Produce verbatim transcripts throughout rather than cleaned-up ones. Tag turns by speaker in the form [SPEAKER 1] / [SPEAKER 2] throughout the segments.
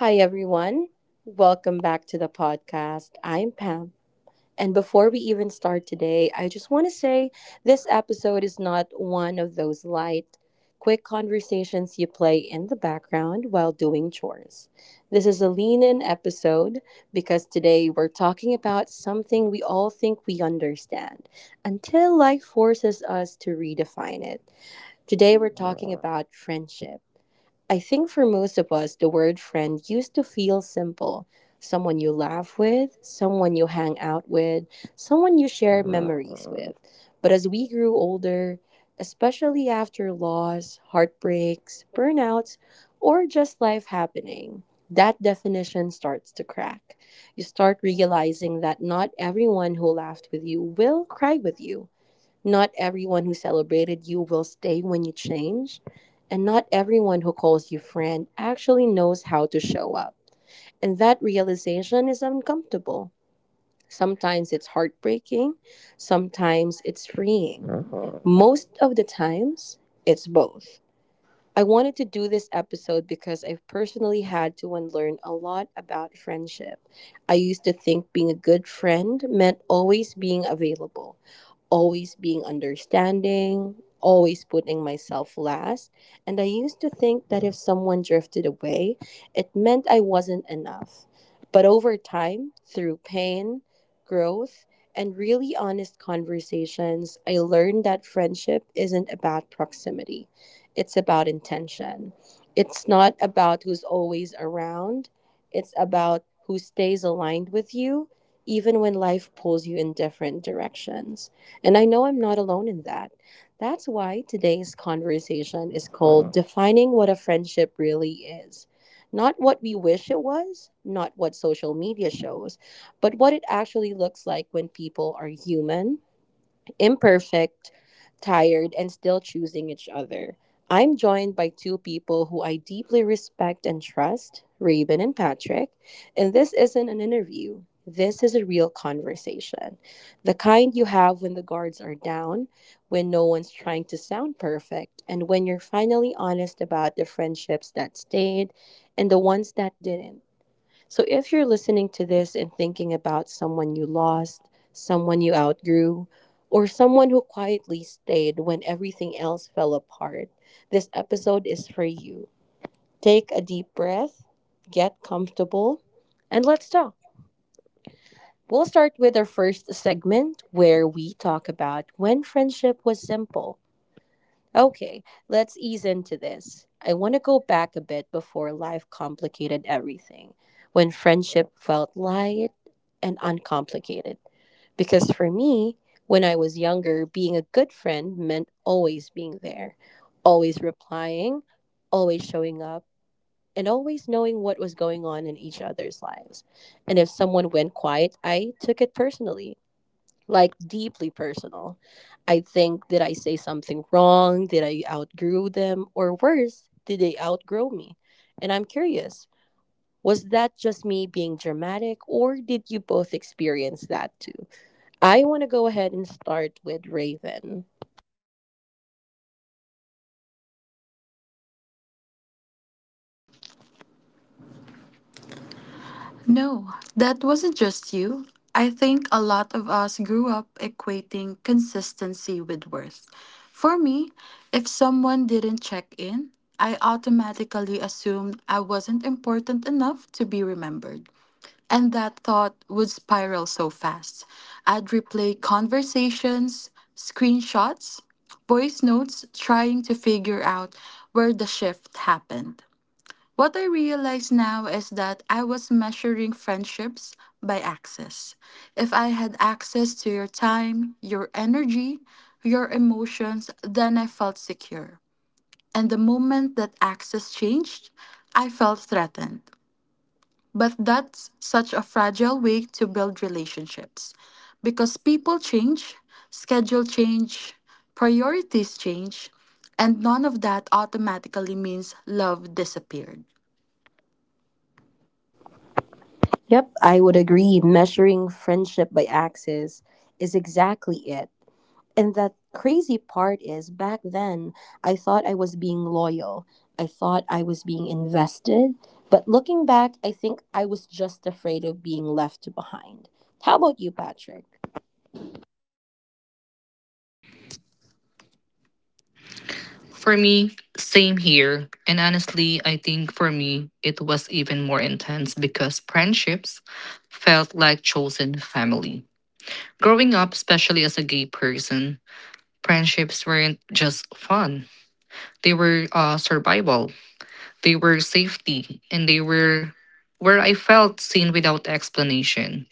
[SPEAKER 1] Hi, everyone. Welcome back to the podcast. I'm Pam. And before we even start today, I just want to say this episode is not one of those light, quick conversations you play in the background while doing chores. This is a lean in episode because today we're talking about something we all think we understand until life forces us to redefine it. Today we're talking about friendship. I think for most of us, the word friend used to feel simple. Someone you laugh with, someone you hang out with, someone you share memories with. But as we grew older, especially after loss, heartbreaks, burnouts, or just life happening, that definition starts to crack. You start realizing that not everyone who laughed with you will cry with you. Not everyone who celebrated you will stay when you change, and not everyone who calls you friend actually knows how to show up. And that realization is uncomfortable. Sometimes it's heartbreaking, sometimes it's freeing. Most of the times, it's both. I wanted to do this episode because I've personally had to unlearn a lot about friendship. I used to think being a good friend meant always being available, always being understanding, always putting myself last. And I used to think that if someone drifted away, it meant I wasn't enough. But over time, through pain, growth, and really honest conversations, I learned that friendship isn't about proximity. It's about intention. It's not about who's always around. It's about who stays aligned with you, even when life pulls you in different directions. And I know I'm not alone in that. That's why today's conversation is, uh-huh, called, uh-huh, Defining What a Friendship Really Is. Not what we wish it was, not what social media shows, but what it actually looks like when people are human, imperfect, tired, and still choosing each other. I'm joined by two people who I deeply respect and trust, Raven and Patrick, and this isn't an interview. This is a real conversation. The kind you have when the guards are down, when no one's trying to sound perfect, and when you're finally honest about the friendships that stayed and the ones that didn't. So if you're listening to this and thinking about someone you lost, someone you outgrew, or someone who quietly stayed when everything else fell apart, this episode is for you. Take a deep breath, get comfortable, and let's talk. We'll start with our first segment where we talk about when friendship was simple. Okay, let's ease into this. I want to go back a bit before life complicated everything, when friendship felt light and uncomplicated. Because for me, when I was younger, being a good friend meant always being there, always replying, always showing up, and always knowing what was going on in each other's lives. And if someone went quiet, I took it personally, like deeply personal. I think, did I say something wrong? Did I outgrow them? Or worse, did they outgrow me? And I'm curious, was that just me being dramatic or did you both experience that too? I want to go ahead and start with Raven.
[SPEAKER 2] No, that wasn't just you. I think a lot of us grew up equating consistency with worth. For me, if someone didn't check in, I automatically assumed I wasn't important enough to be remembered. And that thought would spiral so fast. I'd replay conversations, screenshots, voice notes, trying to figure out where the shift happened. What I realize now is that I was measuring friendships by access. If I had access to your time, your energy, your emotions, then I felt secure. And the moment that access changed, I felt threatened. But that's such a fragile way to build relationships because people change, schedule change, priorities change, and none of that automatically means love disappeared.
[SPEAKER 1] Yep, I would agree. Measuring friendship by axes is exactly it. And that crazy part is back then, I thought I was being loyal. I thought I was being invested. But looking back, I think I was just afraid of being left behind. How about you, Patrick?
[SPEAKER 3] For me, same here. And honestly, I think for me, it was even more intense because friendships felt like chosen family. Growing up, especially as a gay person, friendships weren't just fun. They were uh, survival, they were safety, and they were where I felt seen without explanation.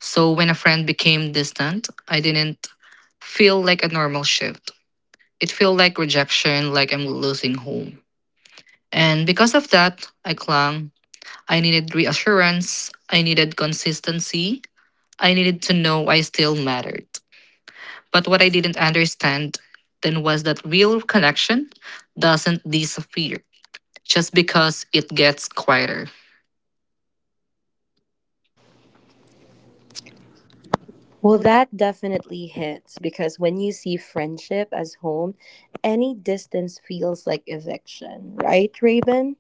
[SPEAKER 3] So when a friend became distant, I didn't feel like a normal shift. It felt like rejection, like I'm losing home. And because of that, I clung. I needed reassurance. I needed consistency. I needed to know I still mattered. But what I didn't understand then was that real connection doesn't disappear just because it gets quieter.
[SPEAKER 1] Well, that definitely hits because when you see friendship as home, any distance feels like eviction, right, Raven?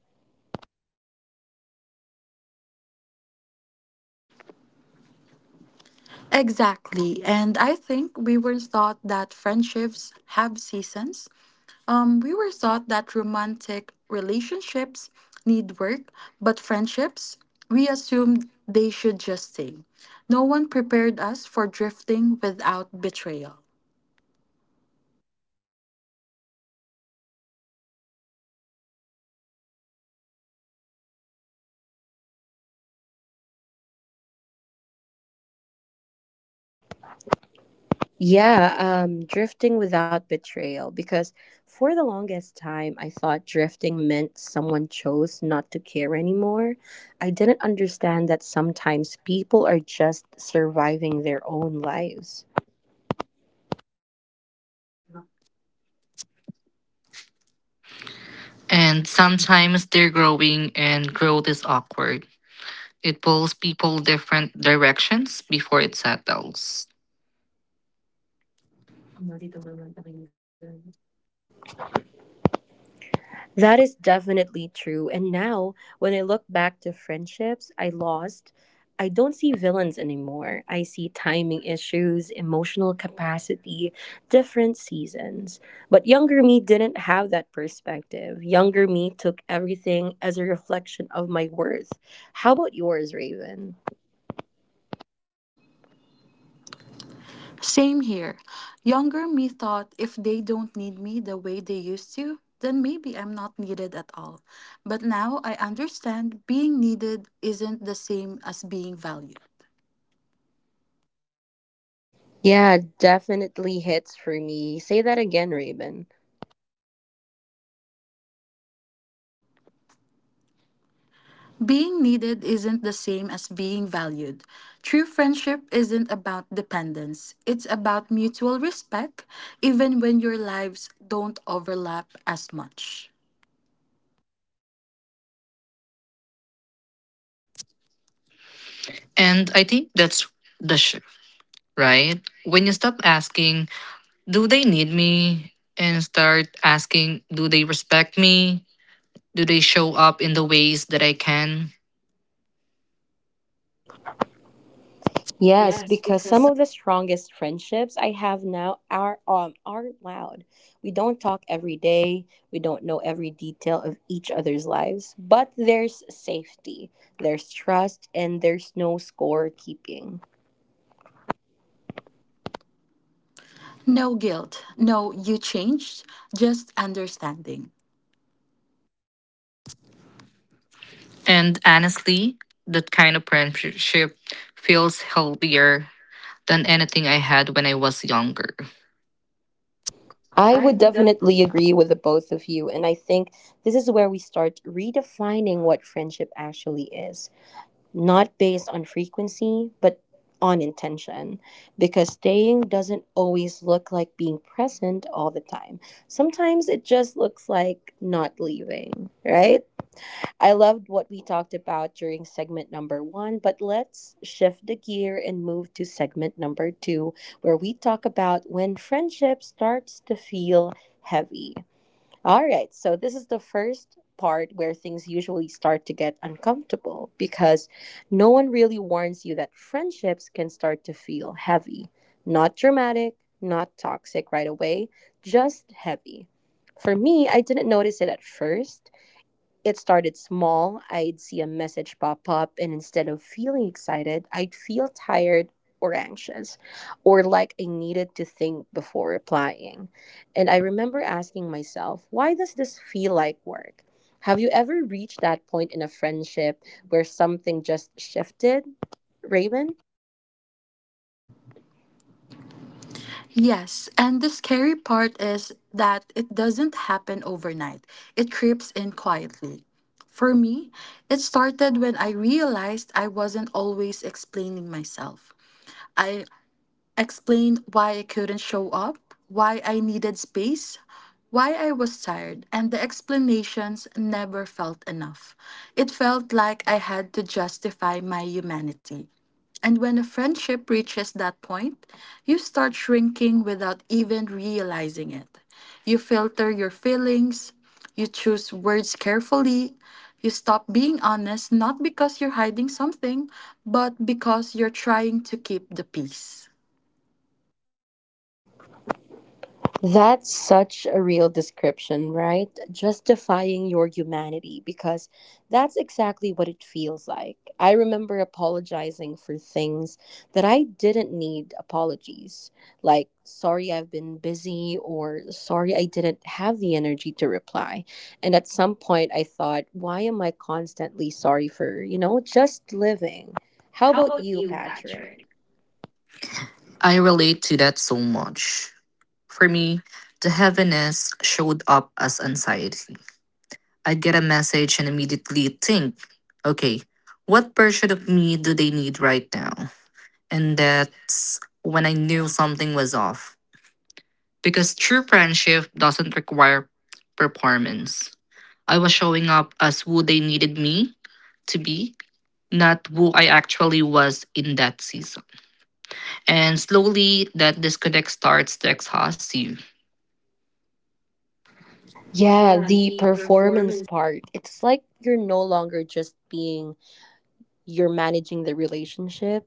[SPEAKER 2] Exactly. And I think we were taught that friendships have seasons. Um, we were taught that romantic relationships need work, but friendships, we assumed they should just stay. No one prepared us for drifting without betrayal.
[SPEAKER 1] Yeah, um, drifting without betrayal. Because for the longest time, I thought drifting meant someone chose not to care anymore. I didn't understand that sometimes people are just surviving their own lives.
[SPEAKER 3] And sometimes they're growing, and growth is awkward. It pulls people different directions before it settles.
[SPEAKER 1] That is definitely true. And now, when I look back to friendships I lost, I don't see villains anymore. I see timing issues, emotional capacity, different seasons. But younger me didn't have that perspective. Younger me took everything as a reflection of my worth. How about yours, Raven?
[SPEAKER 2] Same here. Younger me thought if they don't need me the way they used to, then maybe I'm not needed at all. But now I understand being needed isn't the same as being valued.
[SPEAKER 1] Yeah, definitely hits for me. Say that again, Raven.
[SPEAKER 2] Being needed isn't the same as being valued. True friendship isn't about dependence, it's about mutual respect, even when your lives don't overlap as much.
[SPEAKER 3] And I think that's the shift, right? When you stop asking, do they need me? And start asking, do they respect me? Do they show up in the ways that I can?
[SPEAKER 1] Yes, because some of the strongest friendships I have now are um are not loud. We don't talk every day. We don't know every detail of each other's lives, but there's safety, there's trust, and there's no score keeping.
[SPEAKER 2] No guilt, no you changed, just understanding.
[SPEAKER 3] And honestly, that kind of friendship feels healthier than anything I had when I was younger.
[SPEAKER 1] I
[SPEAKER 3] I
[SPEAKER 1] would
[SPEAKER 3] would def-
[SPEAKER 1] definitely agree with the both of you, and I think this is where we start redefining what friendship actually is. Not based on frequency, but on intention. Because staying doesn't always look like being present all the time. Sometimes it just looks like not leaving, right? I loved what we talked about during segment number one, but let's shift the gear and move to segment number two, where we talk about when friendship starts to feel heavy. All right, so this is the first part where things usually start to get uncomfortable because no one really warns you that friendships can start to feel heavy. Not dramatic, not toxic right away, just heavy. For me, I didn't notice it at first. It started small. I'd see a message pop up, and instead of feeling excited, I'd feel tired or anxious, or like I needed to think before replying. And I remember asking myself, why does this feel like work? Have you ever reached that point in a friendship where something just shifted, Raven?"
[SPEAKER 2] Yes, and the scary part is that it doesn't happen overnight, it creeps in quietly. For me, it started when I realized I wasn't always explaining myself. I. Explained why I couldn't show up, why I needed space, why I was tired, and the explanations never felt enough. It felt like I had to justify my humanity. And when a friendship reaches that point, you start shrinking without even realizing it. You filter your feelings, you choose words carefully, you stop being honest not because you're hiding something, but because you're trying to keep the peace.
[SPEAKER 1] That's such a real description, right? Justifying your humanity, because that's exactly what it feels like. I remember apologizing for things that I didn't need apologies, like, sorry, I've been busy, or sorry, I didn't have the energy to reply. And at some point, I thought, why am I constantly sorry for, you know, just living? How about you, Patrick?
[SPEAKER 3] I relate to that so much. For me, the heaviness showed up as anxiety. I'd get a message and immediately think, okay, what version of me do they need right now? And that's when I knew something was off. Because true friendship doesn't require performance. I was showing up as who they needed me to be, not who I actually was in that season. And slowly, that disconnect starts to exhaust you.
[SPEAKER 1] Yeah, the performance part. It's like you're no longer just being, you're managing the relationship,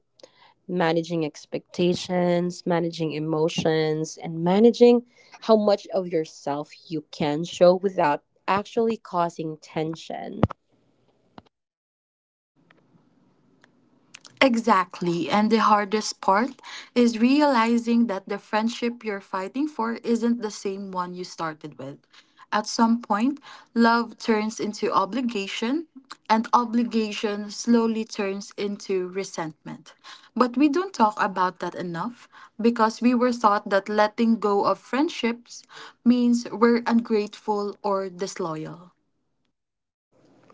[SPEAKER 1] managing expectations, managing emotions, and managing how much of yourself you can show without actually causing tension.
[SPEAKER 2] Exactly. And the hardest part is realizing that the friendship you're fighting for isn't the same one you started with. At some point, love turns into obligation, and obligation slowly turns into resentment. But we don't talk about that enough because we were taught that letting go of friendships means we're ungrateful or disloyal.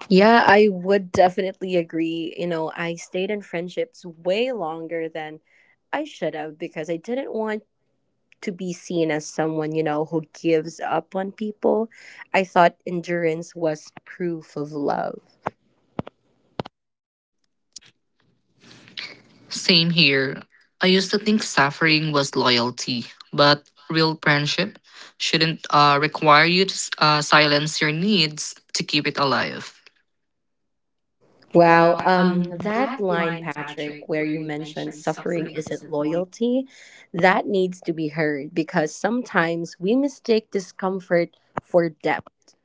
[SPEAKER 1] Yeah, I would definitely agree. You know, I stayed in friendships way longer than I should have because I didn't want to be seen as someone, you know, who gives up on people. I thought endurance was proof of love.
[SPEAKER 3] Same here. I used to think suffering was loyalty, but real friendship shouldn't uh, require you to uh, silence your needs to keep it alive.
[SPEAKER 1] Wow, um that line, Patrick, where you mentioned suffering isn't loyalty, that needs to be heard because sometimes we mistake discomfort for depth.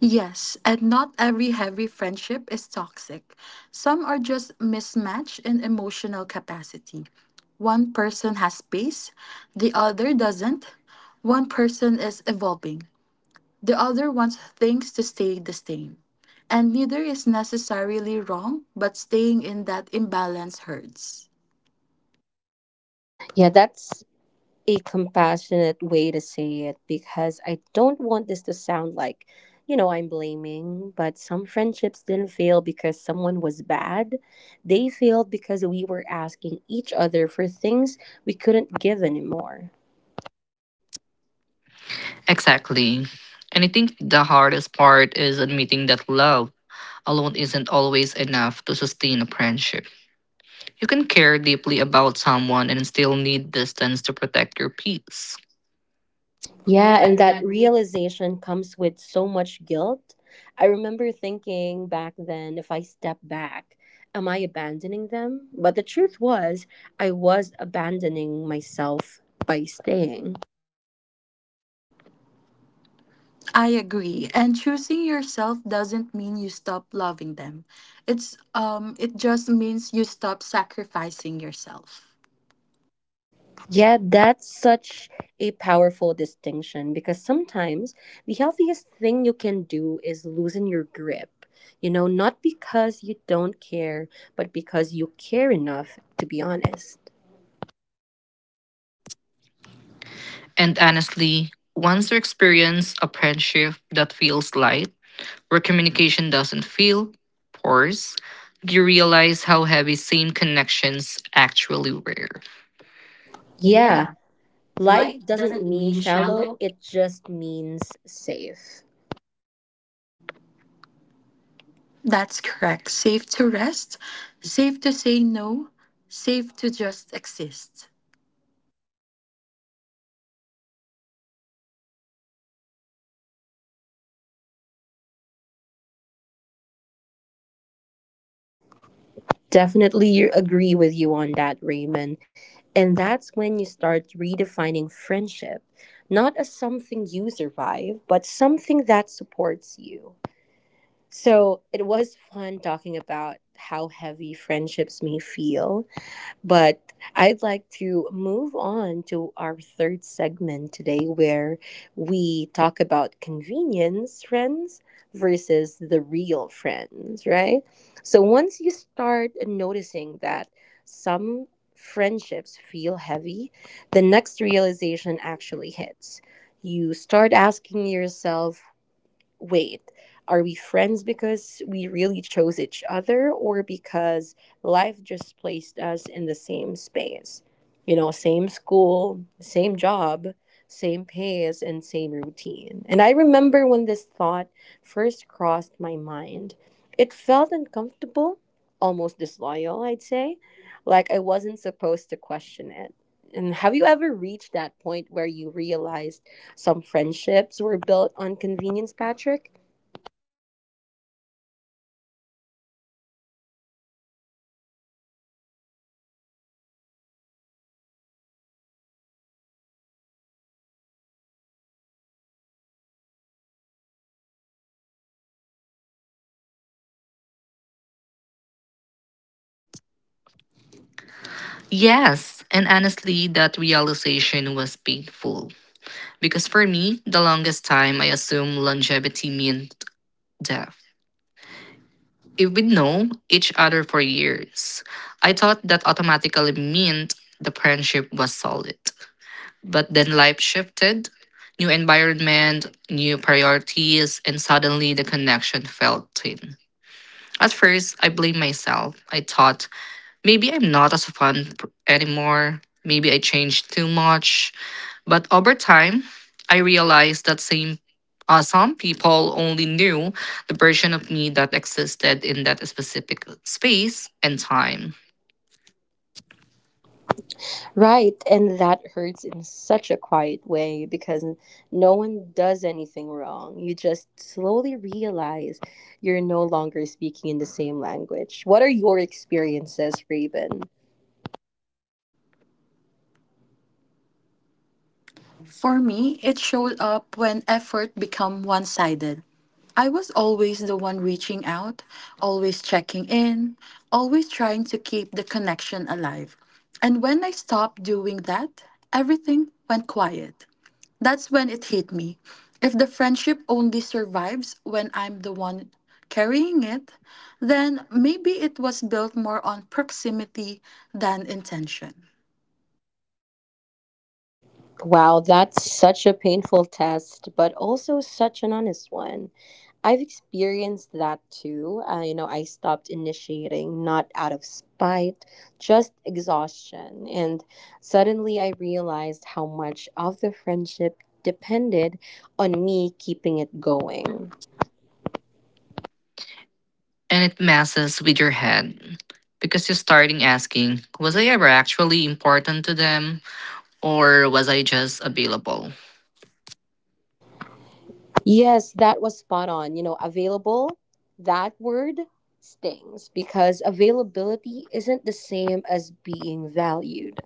[SPEAKER 2] Yes, and not every heavy friendship is toxic. Some are just mismatched in emotional capacity. One person has space, the other doesn't. One person is evolving, the other wants things to stay the same. And neither is necessarily wrong, but staying in that imbalance hurts.
[SPEAKER 1] Yeah, that's a compassionate way to say it because I don't want this to sound like, you know, I'm blaming, but some friendships didn't fail because someone was bad. They failed because we were asking each other for things we couldn't give anymore.
[SPEAKER 3] Exactly. And I think the hardest part is admitting that love alone isn't always enough to sustain a friendship. You can care deeply about someone and still need distance to protect your peace.
[SPEAKER 1] Yeah, and that realization comes with so much guilt. I remember thinking back then, if I step back, am I abandoning them? But the truth was, I was abandoning myself by staying.
[SPEAKER 2] I agree. And choosing yourself doesn't mean you stop loving them. It's um it just means you stop sacrificing yourself.
[SPEAKER 1] Yeah, that's such a powerful distinction because sometimes the healthiest thing you can do is loosen your grip. You know, not because you don't care, but because you care enough to be honest.
[SPEAKER 3] And honestly, once you experience a friendship that feels light, where communication doesn't feel forced, you realize how heavy same connections actually were.
[SPEAKER 1] Yeah, light doesn't mean shallow, it just means safe.
[SPEAKER 2] That's correct. Safe to rest, safe to say no, safe to just exist.
[SPEAKER 1] Definitely you agree with you on that, Raymond. And that's when you start redefining friendship, not as something you survive, but something that supports you. So it was fun talking about how heavy friendships may feel, but I'd like to move on to our third segment today where we talk about convenience friends versus the real friends, right? So once you start noticing that some friendships feel heavy, the next realization actually hits. You start asking yourself, wait, are we friends because we really chose each other or because life just placed us in the same space? You know, same school, same job, same pace, and same routine. And I remember when this thought first crossed my mind, it felt uncomfortable, almost disloyal, I'd say, like I wasn't supposed to question it. And have you ever reached that point where you realized? Some friendships were built on convenience, Patrick.
[SPEAKER 3] Yes, and honestly, that realization was painful. Because for me, the longest time I assume longevity meant death. If we know each other for years, I thought that automatically meant the friendship was solid. But then life shifted, new environment, new priorities, and suddenly the connection felt thin. At first, I blamed myself. I thought maybe I'm not as fun pr- anymore. Maybe I changed too much. But over time, I realized that same, uh, some people only knew the version of me that existed in that specific space and time.
[SPEAKER 1] Right, and that hurts in such a quiet way because no one does anything wrong. You just slowly realize you're no longer speaking in the same language. What are your experiences, Raven?
[SPEAKER 2] For me, it showed up when effort became one-sided. I was always the one reaching out, always checking in, always trying to keep the connection alive. And when I stopped doing that, everything went quiet. That's when it hit me. If the friendship only survives when I'm the one carrying it, then maybe it was built more on proximity than intention.
[SPEAKER 1] Wow, that's such a painful test, but also such an honest one. I've experienced that too. Uh, you know, I stopped initiating not out of spite, just exhaustion. And suddenly I realized how much of the friendship depended on me keeping it going.
[SPEAKER 3] And it messes with your head because you're starting asking, was I ever actually important to them or was I just available?
[SPEAKER 1] Yes, that was spot on. You know, available, that word stings because availability isn't the same as being valued.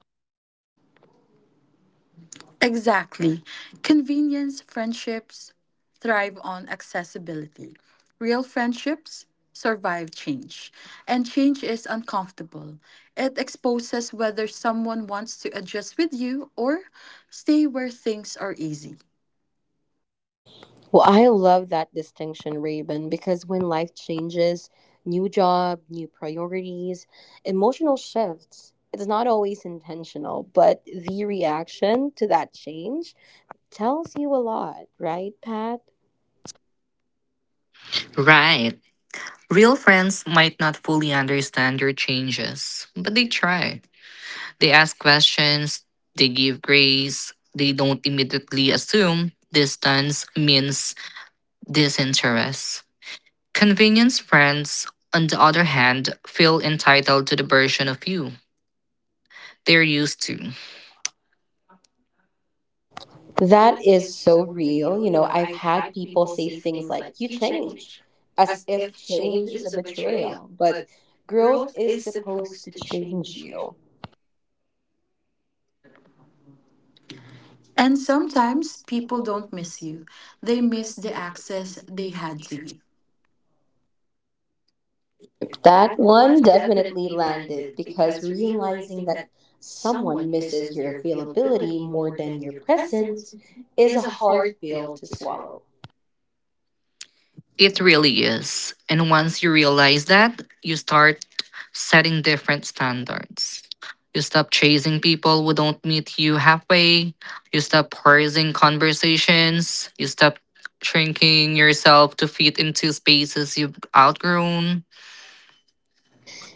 [SPEAKER 2] Exactly. Convenience friendships thrive on accessibility. Real friendships survive change. And change is uncomfortable. It exposes whether someone wants to adjust with you or stay where things are easy.
[SPEAKER 1] Well, I love that distinction, Raven, because when life changes, new job, new priorities, emotional shifts, it's not always intentional, but the reaction to that change tells you a lot, right, Pat?
[SPEAKER 3] Right. Real friends might not fully understand your changes, but they try. They ask questions, they give grace, they don't immediately assume distance means disinterest. Convenience friends, on the other hand, feel entitled to the version of you they're used to.
[SPEAKER 1] That is so real. You know, I've had people say things like, you change, as if change is a betrayal, but growth is supposed to change you.
[SPEAKER 2] And sometimes people don't miss you, they miss the access they had to you.
[SPEAKER 1] Yep, that one definitely landed because realizing that someone misses your availability more than your presence is a hard pill to swallow.
[SPEAKER 3] It really is. And once you realize that, you start setting different standards. You stop chasing people who don't meet you halfway. You stop parsing conversations. You stop shrinking yourself to fit into spaces you've outgrown.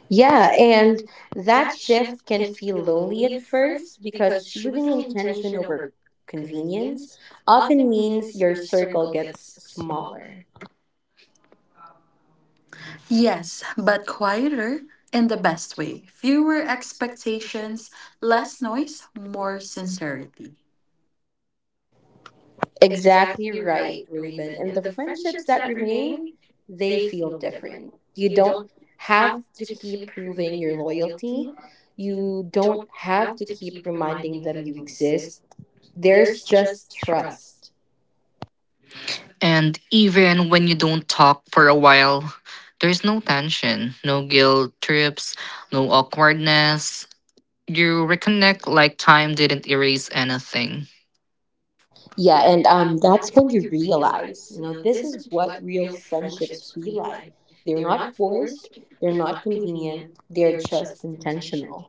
[SPEAKER 1] Yeah, and that shift can feel lonely at first because choosing intention over convenience often means your circle gets smaller.
[SPEAKER 2] Yes, but quieter in the best way. Fewer expectations, less noise, more sincerity.
[SPEAKER 1] Exactly right, Raven. And the friendships that remain, they feel different. You don't have to keep proving your loyalty. You don't have to keep reminding them you exist. There's just trust.
[SPEAKER 3] And even when you don't talk for a while, there's no tension, no guilt trips, no awkwardness. You reconnect like time didn't erase anything.
[SPEAKER 1] Yeah, and um that's when you realize, you know, this is what real friendships feel like. They're not forced, they're not convenient, they're just intentional.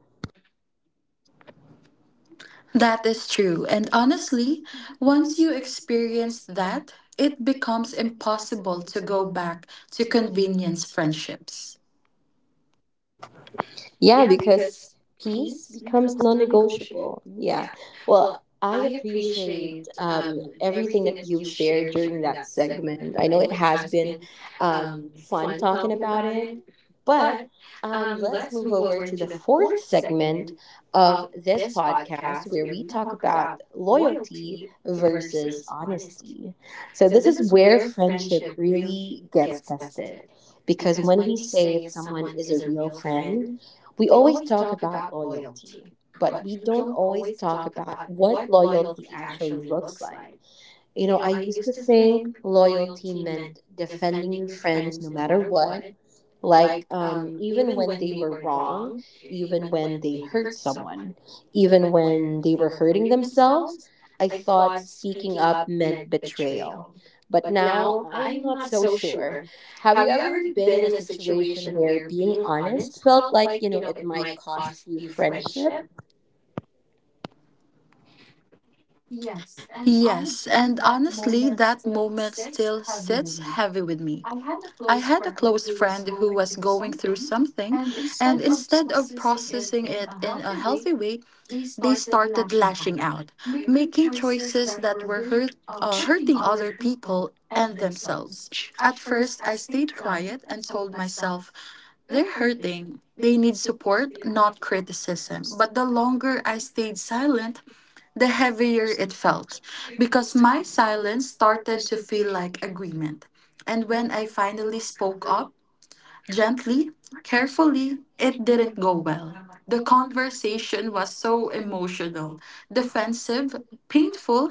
[SPEAKER 2] That is true. And honestly, once you experience that, it becomes impossible to go back to convenience friendships.
[SPEAKER 1] Yeah, because peace becomes non-negotiable. Yeah. Well, I appreciate um, everything that you shared during that segment. I know it has been um, fun talking about it, but um, let's move over to the fourth segment of this podcast where we talk about loyalty versus honesty. So, this is where friendship really gets tested because when we say if someone is a real friend, we always talk about loyalty, but we don't always talk about what loyalty actually looks like. You know, I used to think loyalty meant defending your friends no matter what like, um, even when they were wrong, even when they hurt someone, even when they were hurting themselves, I thought speaking up meant betrayal. But now I'm not so sure. Have you ever been in a situation where being honest felt like, you know, it might cost you friendship?
[SPEAKER 2] Yes, and honestly, that moment still sits heavy with me. I had a close friend who was going through something, and instead of processing it in a healthy way, they started lashing out, making choices that were hurt, uh, hurting other people and themselves. At first, I stayed quiet and told myself, they're hurting. They need support, not criticism. But the longer I stayed silent, the heavier it felt because my silence started to feel like agreement. And when I finally spoke up, gently, carefully, it didn't go well. The conversation was so emotional, defensive, painful,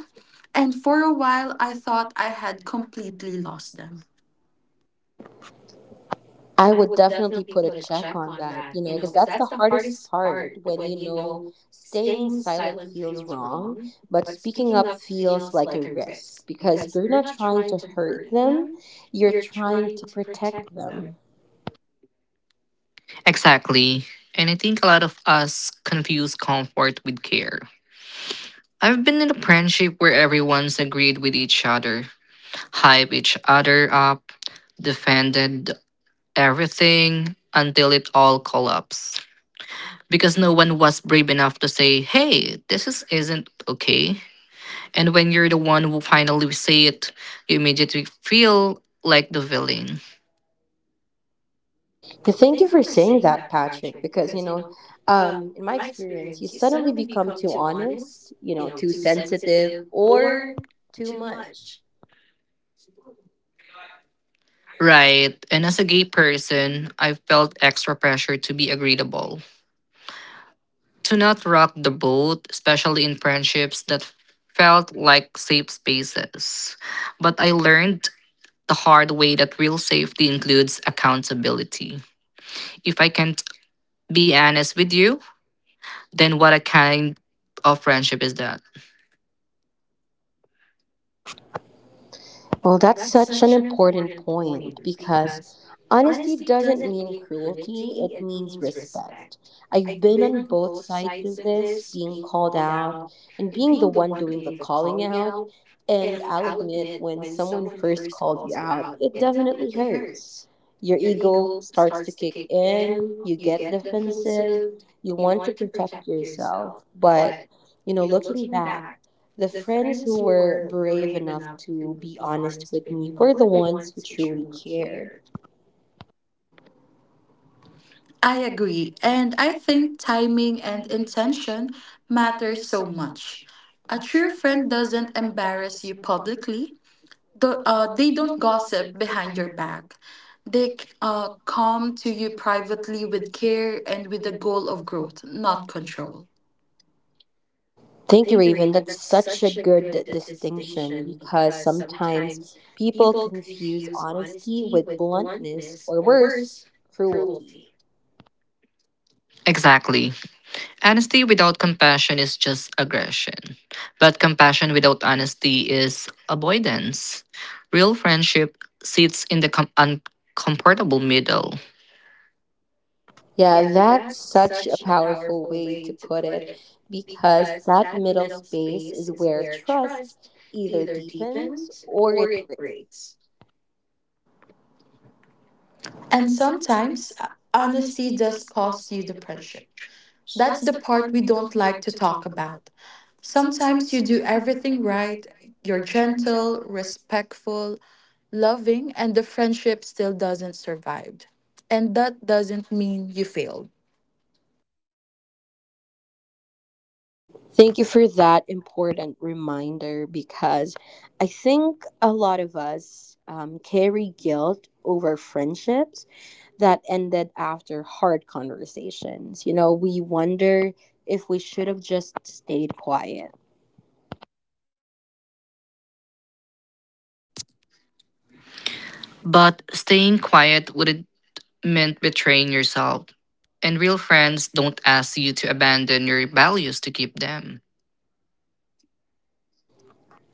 [SPEAKER 2] and for a while I thought I had completely lost them.
[SPEAKER 1] I would definitely put a check on that, you know, because that's the hardest part when you know staying silent feels wrong, but speaking up feels like a risk because you're not trying to hurt them, you're trying to protect them.
[SPEAKER 3] Exactly. And I think a lot of us confuse comfort with care. I've been in a friendship where everyone's agreed with each other, hype each other up, defended everything until it all collapsed. Because no one was brave enough to say, hey, this is, isn't okay. And when you're the one who finally say it, you immediately feel like the villain.
[SPEAKER 1] Thank you for saying that, Patrick, because, you know, um, in my experience, you suddenly become too honest, you know, too sensitive or too much.
[SPEAKER 3] Right. And as a gay person, I felt extra pressure to be agreeable. To not rock the boat, especially in friendships that felt like safe spaces. But I learned the hard way that real safety includes accountability. If I can't be honest with you, then what a kind of friendship is that?
[SPEAKER 1] Well, that's such an important point because honesty doesn't mean cruelty, it means respect. I've been on both sides of this, being called out and being the one doing the calling out. And I'll admit, when someone first calls you out, it definitely hurts. Your ego starts to kick in, you get defensive, you want to protect yourself. But, you know, looking back, the friends who were brave enough to be honest with me were the ones who truly cared.
[SPEAKER 2] I agree, and I think timing and intention matter so much. A true friend doesn't embarrass you publicly, the, uh, they don't gossip behind your back. They c- uh, come to you privately with care and with the goal of growth, not control.
[SPEAKER 1] Thank you, Raven. That's such a good distinction because sometimes people confuse honesty with bluntness or worse, cruelty.
[SPEAKER 3] Exactly. Honesty without compassion is just aggression. But compassion without honesty is avoidance. Real friendship sits in the com- uncomfortable middle.
[SPEAKER 1] Yeah, that's such a powerful way to put it because that middle space is where trust either deepens or it breaks.
[SPEAKER 2] And sometimes uh, honesty does cost you the pressure. That's the part we don't like to talk about. Sometimes you do everything right, you're gentle, respectful, loving, and the friendship still doesn't survive. And that doesn't mean you failed.
[SPEAKER 1] Thank you for that important reminder because I think a lot of us um, carry guilt over friendships that ended after hard conversations. You know, we wonder if we should have just stayed quiet.
[SPEAKER 3] But staying quiet wouldn't meant betraying yourself. And real friends don't ask you to abandon your values to keep them.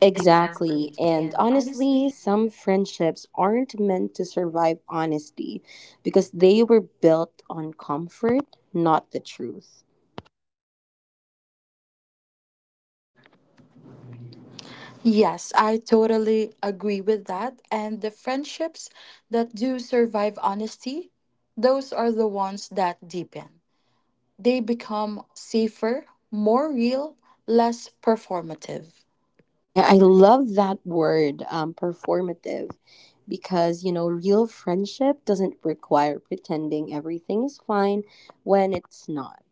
[SPEAKER 1] Exactly. And honestly, some friendships aren't meant to survive honesty because they were built on comfort, not the truth.
[SPEAKER 2] Yes, I totally agree with that. And the friendships that do survive honesty, those are the ones that deepen. They become safer, more real, less performative.
[SPEAKER 1] Yeah, I love that word, um, performative, because, you know, real friendship doesn't require pretending everything is fine when it's not.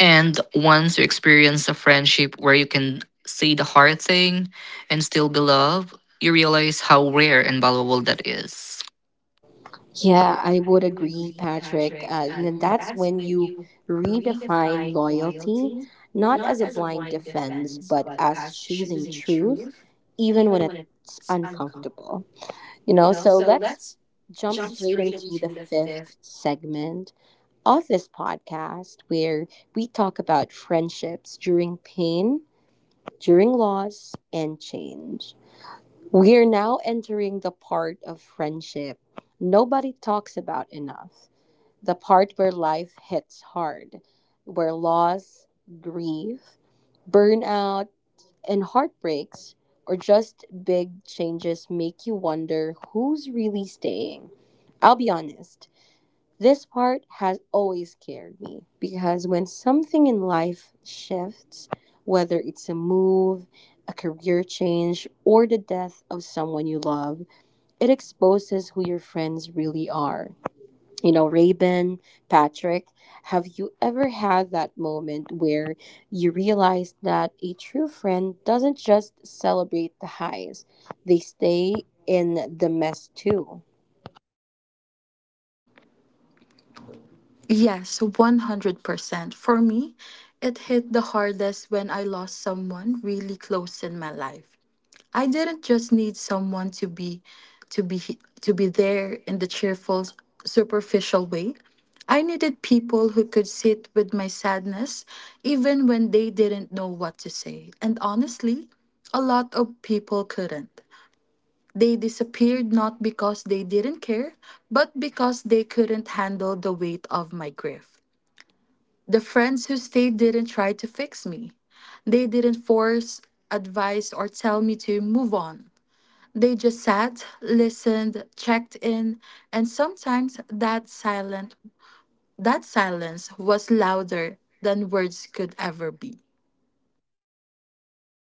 [SPEAKER 3] And once you experience a friendship where you can say the hard thing and still be loved, you realize how rare and valuable that is.
[SPEAKER 1] Yeah, I would agree, Patrick. Uh, and then that's when you redefine loyalty, not as a blind defense, but as choosing truth, even when it's uncomfortable. You know, so let's jump straight into the fifth segment of this podcast where we talk about friendships during pain, during loss, and change. We are now entering the part of friendship nobody talks about enough, the part where life hits hard, where loss, grief, burnout, and heartbreaks, or just big changes make you wonder who's really staying. I'll be honest, this part has always scared me because when something in life shifts, whether it's a move, a career change, or the death of someone you love, it exposes who your friends really are. You know, Rabin, Patrick, have you ever had that moment where you realize that a true friend doesn't just celebrate the highs, they stay in the mess too?
[SPEAKER 2] Yes, one hundred percent. For me, it hit the hardest when I lost someone really close in my life. I didn't just need someone to be to be he- to be there in the cheerful superficial way. I needed people who could sit with my sadness even when they didn't know what to say. And honestly, a lot of people couldn't. They disappeared not because they didn't care, but because they couldn't handle the weight of my grief. The friends who stayed didn't try to fix me. They didn't force advice or tell me to move on. They just sat, listened, checked in, and sometimes that silent that silence was louder than words could ever be.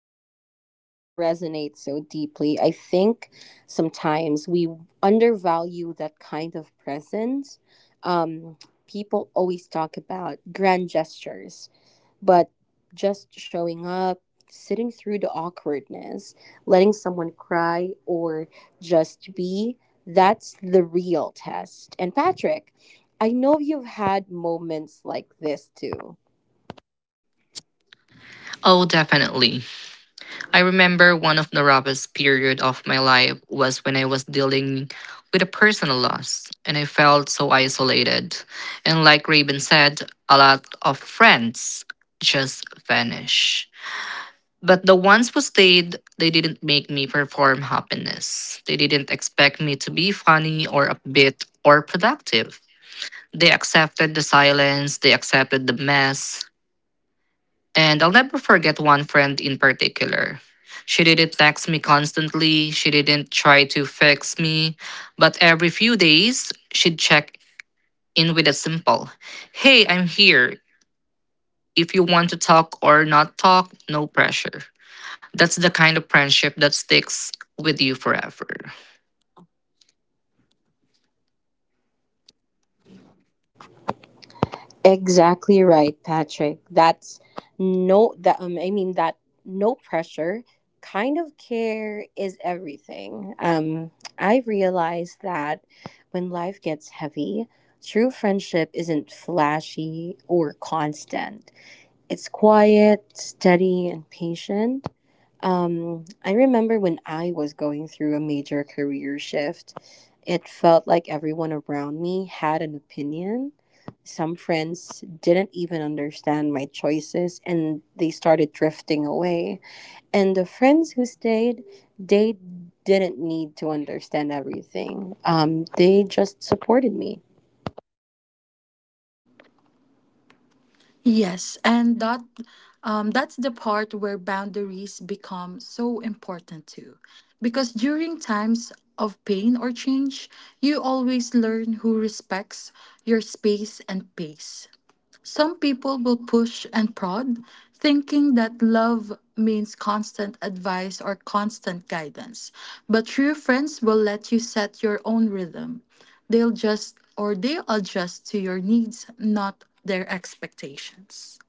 [SPEAKER 1] That definitely resonates so deeply. I think sometimes we undervalue that kind of presence. People always talk about grand gestures but just showing up, sitting through the awkwardness, letting someone cry, or just be, that's the real test. And Patrick, I know you've had moments like this too.
[SPEAKER 3] Oh, definitely. I remember one of the roughest period of my life was when I was dealing with a personal loss, and I felt so isolated. And like Raven said, a lot of friends just vanish. But the ones who stayed, they didn't make me perform happiness. They didn't expect me to be funny or upbeat or productive. They accepted the silence, they accepted the mess. And I'll never forget one friend in particular. She didn't text me constantly, she didn't try to fix me, but every few days, she'd check in with a simple, hey, I'm here. If you want to talk or not talk, no pressure. That's the kind of friendship that sticks with you forever.
[SPEAKER 1] Exactly right, Patrick. That's no that um, I mean that no pressure kind of care is everything. Um I realized that when life gets heavy, true friendship isn't flashy or constant. It's quiet, steady, and patient. um, I remember when I was going through a major career shift, it felt like everyone around me had an opinion. Some friends didn't even understand my choices and they started drifting away. And the friends who stayed, they didn't need to understand everything. Um, they just supported me.
[SPEAKER 2] Yes, and that um, that's the part where boundaries become so important too. Because during times of pain or change, you always learn who respects your space and pace. Some people will push and prod, thinking that love means constant advice or constant guidance. But true friends will let you set your own rhythm. They'll just or they adjust to your needs, not their expectations.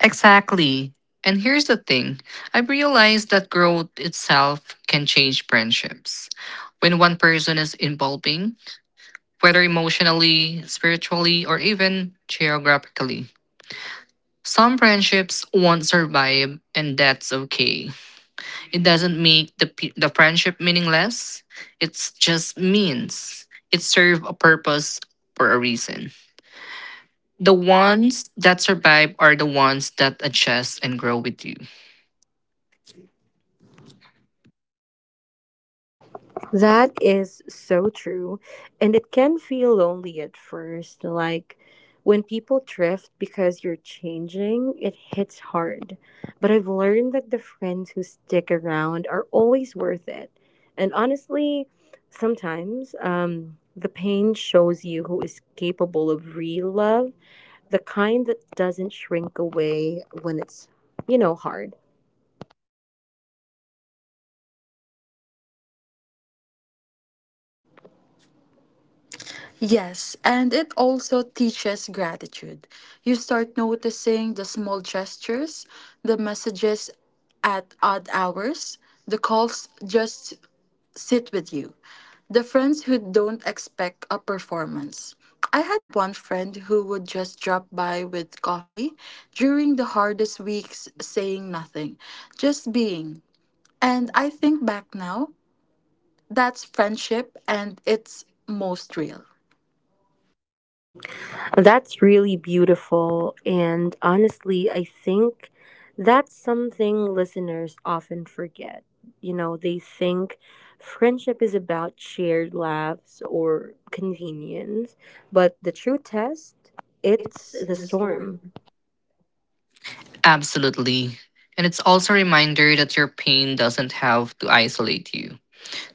[SPEAKER 3] Exactly. And here's the thing. I've realized that growth itself can change friendships. When one person is evolving, whether emotionally, spiritually, or even geographically, some friendships won't survive, and that's okay. It doesn't make the, pe- the friendship meaningless, it just means it serves a purpose for a reason. The ones that survive are the ones that adjust and grow with you.
[SPEAKER 1] That is so true. And it can feel lonely at first. Like when people drift because you're changing, it hits hard. But I've learned that the friends who stick around are always worth it. And honestly, sometimes um, the pain shows you who is capable of real love, the kind that doesn't shrink away when it's, you know, hard.
[SPEAKER 2] Yes, and it also teaches gratitude. You start noticing the small gestures, the messages at odd hours, the calls just sit with you. The friends who don't expect a performance. I had one friend who would just drop by with coffee during the hardest weeks, saying nothing, just being. And I think back now, that's friendship and it's most real.
[SPEAKER 1] That's really beautiful. And honestly, I think that's something listeners often forget. You know, they think friendship is about shared laughs or convenience, but the true test, it's the storm.
[SPEAKER 3] Absolutely. And it's also a reminder that your pain doesn't have to isolate you.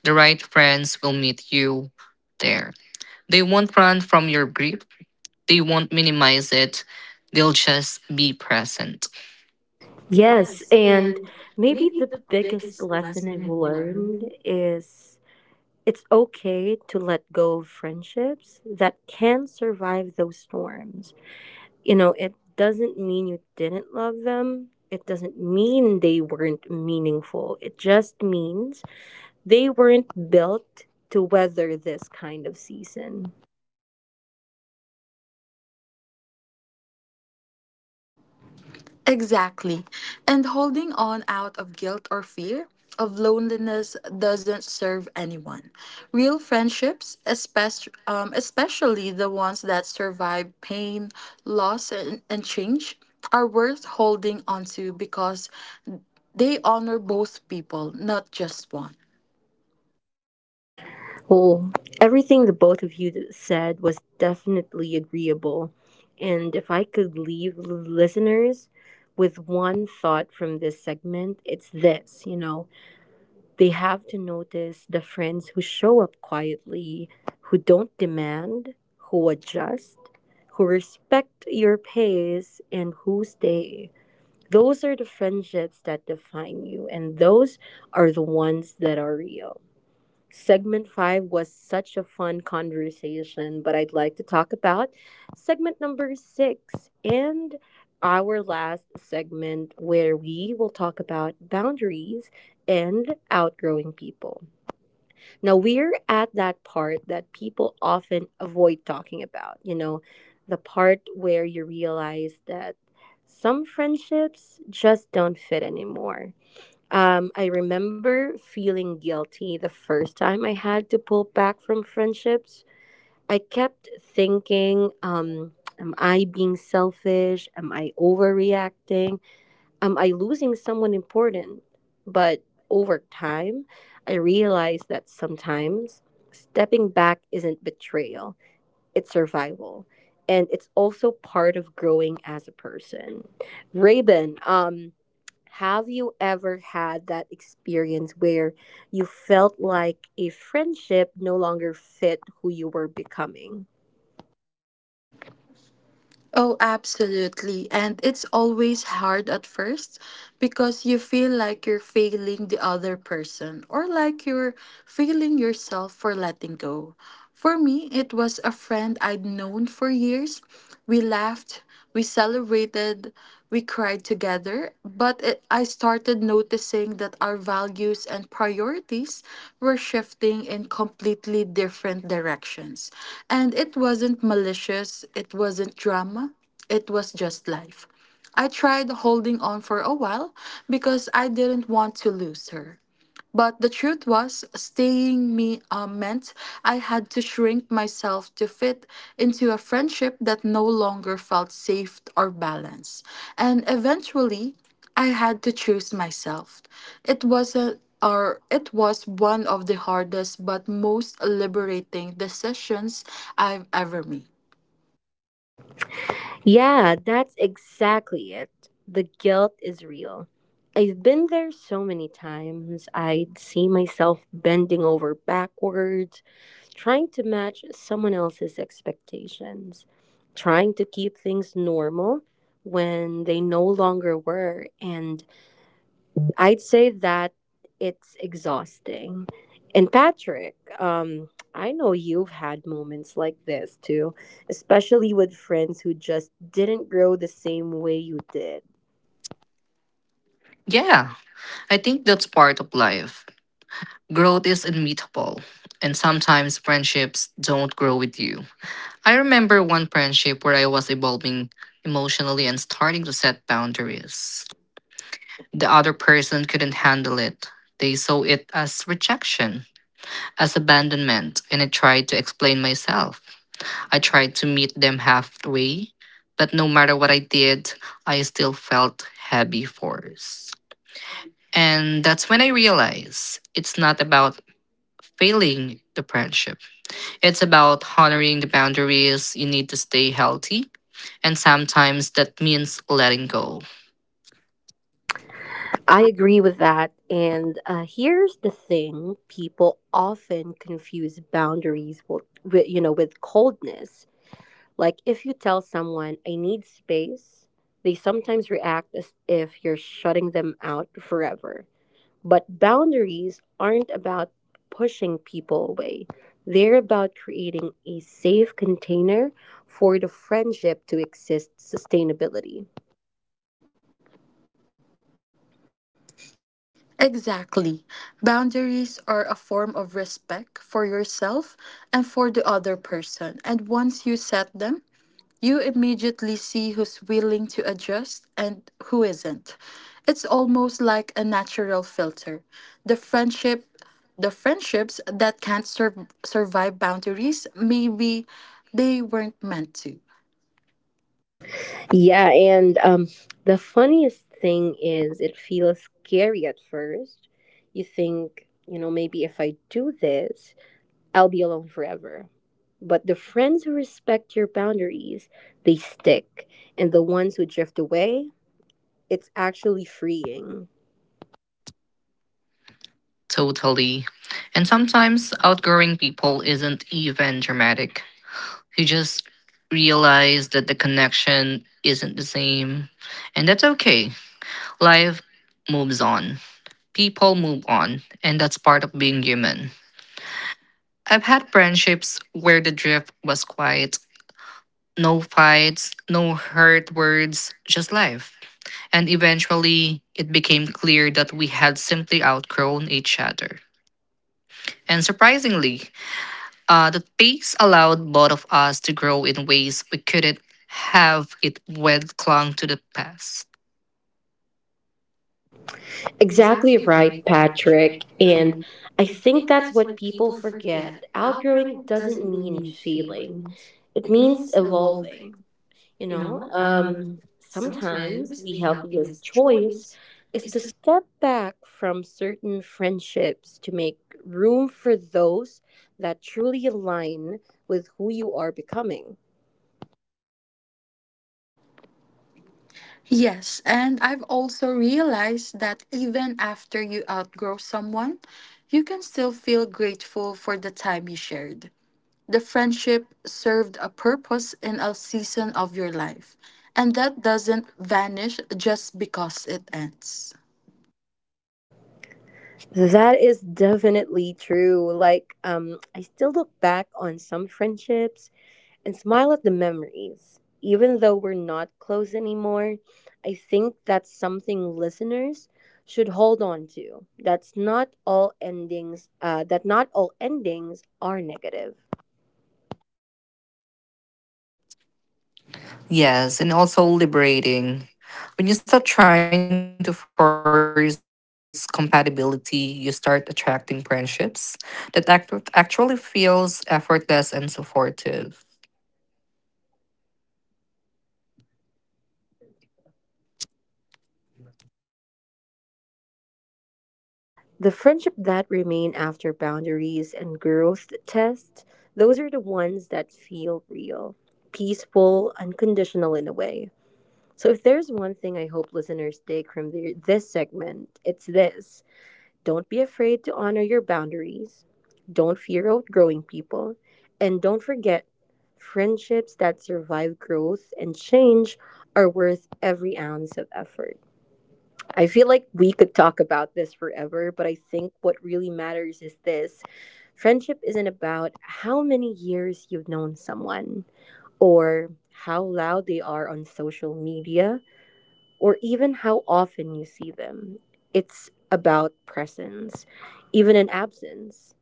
[SPEAKER 3] The right friends will meet you there. They won't run from your grief, they won't minimize it, they'll just be present.
[SPEAKER 1] Yes, and maybe the biggest lesson I've learned is it's okay to let go of friendships that can survive those storms. You know, it doesn't mean you didn't love them. It doesn't mean they weren't meaningful. It just means they weren't built to weather this kind of season.
[SPEAKER 2] Exactly. And holding on out of guilt or fear of loneliness doesn't serve anyone. Real friendships, especially, um, especially the ones that survive pain, loss, and, and change, are worth holding onto because they honor both people, not just one.
[SPEAKER 1] Well, everything the both of you d- said was definitely agreeable. And if I could leave l- listeners with one thought from this segment, it's this, you know, they have to notice the friends who show up quietly, who don't demand, who adjust, who respect your pace, and who stay. Those are the friendships that define you, and those are the ones that are real. Segment five was such a fun conversation, but I'd like to talk about segment number six and our last segment where we will talk about boundaries and outgrowing people. Now, we're at that part that people often avoid talking about, you know, the part where you realize that some friendships just don't fit anymore. um, I remember feeling guilty the first time I had to pull back from friendships. I kept thinking, um, am I being selfish? Am I overreacting? Am I losing someone important? But over time, I realized that sometimes stepping back isn't betrayal, it's survival. And it's also part of growing as a person. Raven, um, have you ever had that experience where you felt like a friendship no longer fit who you were becoming?
[SPEAKER 2] Oh, absolutely. And it's always hard at first because you feel like you're failing the other person or like you're failing yourself for letting go. For me, it was a friend I'd known for years. We laughed, we celebrated, we cried together, but it, I started noticing that our values and priorities were shifting in completely different directions. And it wasn't malicious, it wasn't drama, it was just life. I tried holding on for a while because I didn't want to lose her. But the truth was, staying me uh, meant I had to shrink myself to fit into a friendship that no longer felt safe or balanced. And eventually, I had to choose myself. It was a or it was one of the hardest but most liberating decisions I've ever made.
[SPEAKER 1] Yeah, that's exactly it. The guilt is real. I've been there so many times. I'd see myself bending over backwards, trying to match someone else's expectations, trying to keep things normal when they no longer were, and I'd say that it's exhausting. And Patrick, um, I know you've had moments like this too, especially with friends who just didn't grow the same way you did.
[SPEAKER 3] Yeah, I think that's part of life. Growth is inevitable, and sometimes friendships don't grow with you. I remember one friendship where I was evolving emotionally and starting to set boundaries. The other person couldn't handle it. They saw it as rejection, as abandonment, and I tried to explain myself. I tried to meet them halfway, but no matter what I did, I still felt heavy force. And that's when I realized it's not about failing the friendship. It's about honoring the boundaries you need to stay healthy. And sometimes that means letting go.
[SPEAKER 1] I agree with that. And uh, here's the thing: people often confuse boundaries with, with, you know, with coldness. Like if you tell someone, "I need space," they sometimes react as if you're shutting them out forever. But boundaries aren't about pushing people away, they're about creating a safe container for the friendship to exist sustainability.
[SPEAKER 2] Exactly. Boundaries are a form of respect for yourself and for the other person. And once you set them, you immediately see who's willing to adjust and who isn't. It's almost like a natural filter. The friendship the friendships that can't sur- survive boundaries maybe they weren't meant to.
[SPEAKER 1] Yeah, and um, the funniest thing is it feels scary at first. You think, you know, maybe if I do this, I'll be alone forever. But the friends who respect your boundaries, they stick. And the ones who drift away, it's actually freeing.
[SPEAKER 3] Totally. And sometimes outgrowing people isn't even dramatic. You just realize that the connection isn't the same. And that's okay. Life moves on, people move on. And that's part of being human. I've had friendships where the drift was quiet, no fights, no hurt words, just life. And eventually it became clear that we had simply outgrown each other. And surprisingly, uh, the pace allowed both of us to grow in ways we couldn't have it when clung to the past.
[SPEAKER 1] Exactly right, Patrick. And I think that's what people forget. Outgrowing doesn't mean failing, it means evolving. You know, um, sometimes the healthiest choice is to step back from certain friendships to make room for those that truly align with who you are becoming.
[SPEAKER 2] Yes, and I've also realized that even after you outgrow someone, you can still feel grateful for the time you shared. The friendship served a purpose in a season of your life, and that doesn't vanish just because it ends.
[SPEAKER 1] That is definitely true. Like, um, I still look back on some friendships and smile at the memories. Even though we're not close anymore, I think that's something listeners should hold on to. That's not all endings uh, that not all endings are negative.
[SPEAKER 3] Yes, and also liberating. When you stop trying to force compatibility, you start attracting friendships that act- actually feels effortless and supportive.
[SPEAKER 1] Yes, and the friendship that remain after boundaries and growth test, those are the ones that feel real, peaceful, unconditional in a way. So if there's one thing I hope listeners take from the, this segment, it's this. Don't be afraid to honor your boundaries. Don't fear outgrowing people. And don't forget, friendships that survive growth and change are worth every ounce of effort. I feel like we could talk about this forever, but I think what really matters is this: friendship isn't about how many years you've known someone or how loud they are on social media or even how often you see them. It's about presence, even in absence.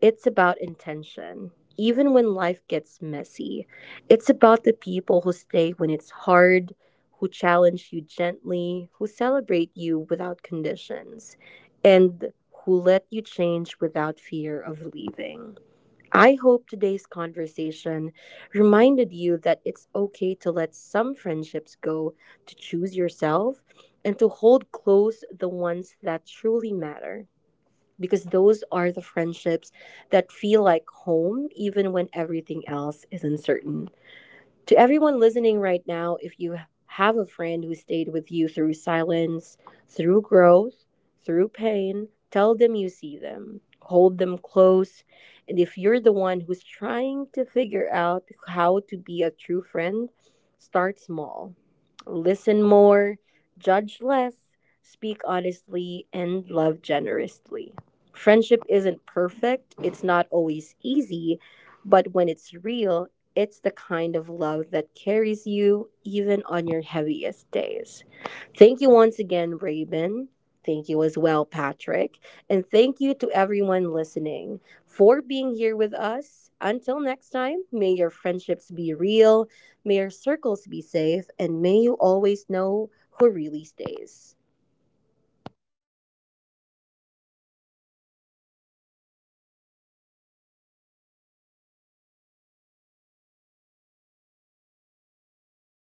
[SPEAKER 1] It's about intention, even when life gets messy. It's about the people who stay when it's hard, who challenge you gently, who celebrate you without conditions, and who let you change without fear of leaving. I hope today's conversation reminded you that it's okay to let some friendships go, to choose yourself, and to hold close the ones that truly matter. Because those are the friendships that feel like home, even when everything else is uncertain. To everyone listening right now, if you have a friend who stayed with you through silence, through growth, through pain, tell them you see them, hold them close. And if you're the one who's trying to figure out how to be a true friend, start small. Listen more, judge less, speak honestly, and love generously. Friendship isn't perfect, it's not always easy, but when it's real, it's the kind of love that carries you even on your heaviest days. Thank you once again, Raven. Thank you as well, Patrick. And thank you to everyone listening for being here with us. Until next time, may your friendships be real, may your circles be safe, and may you always know who really stays.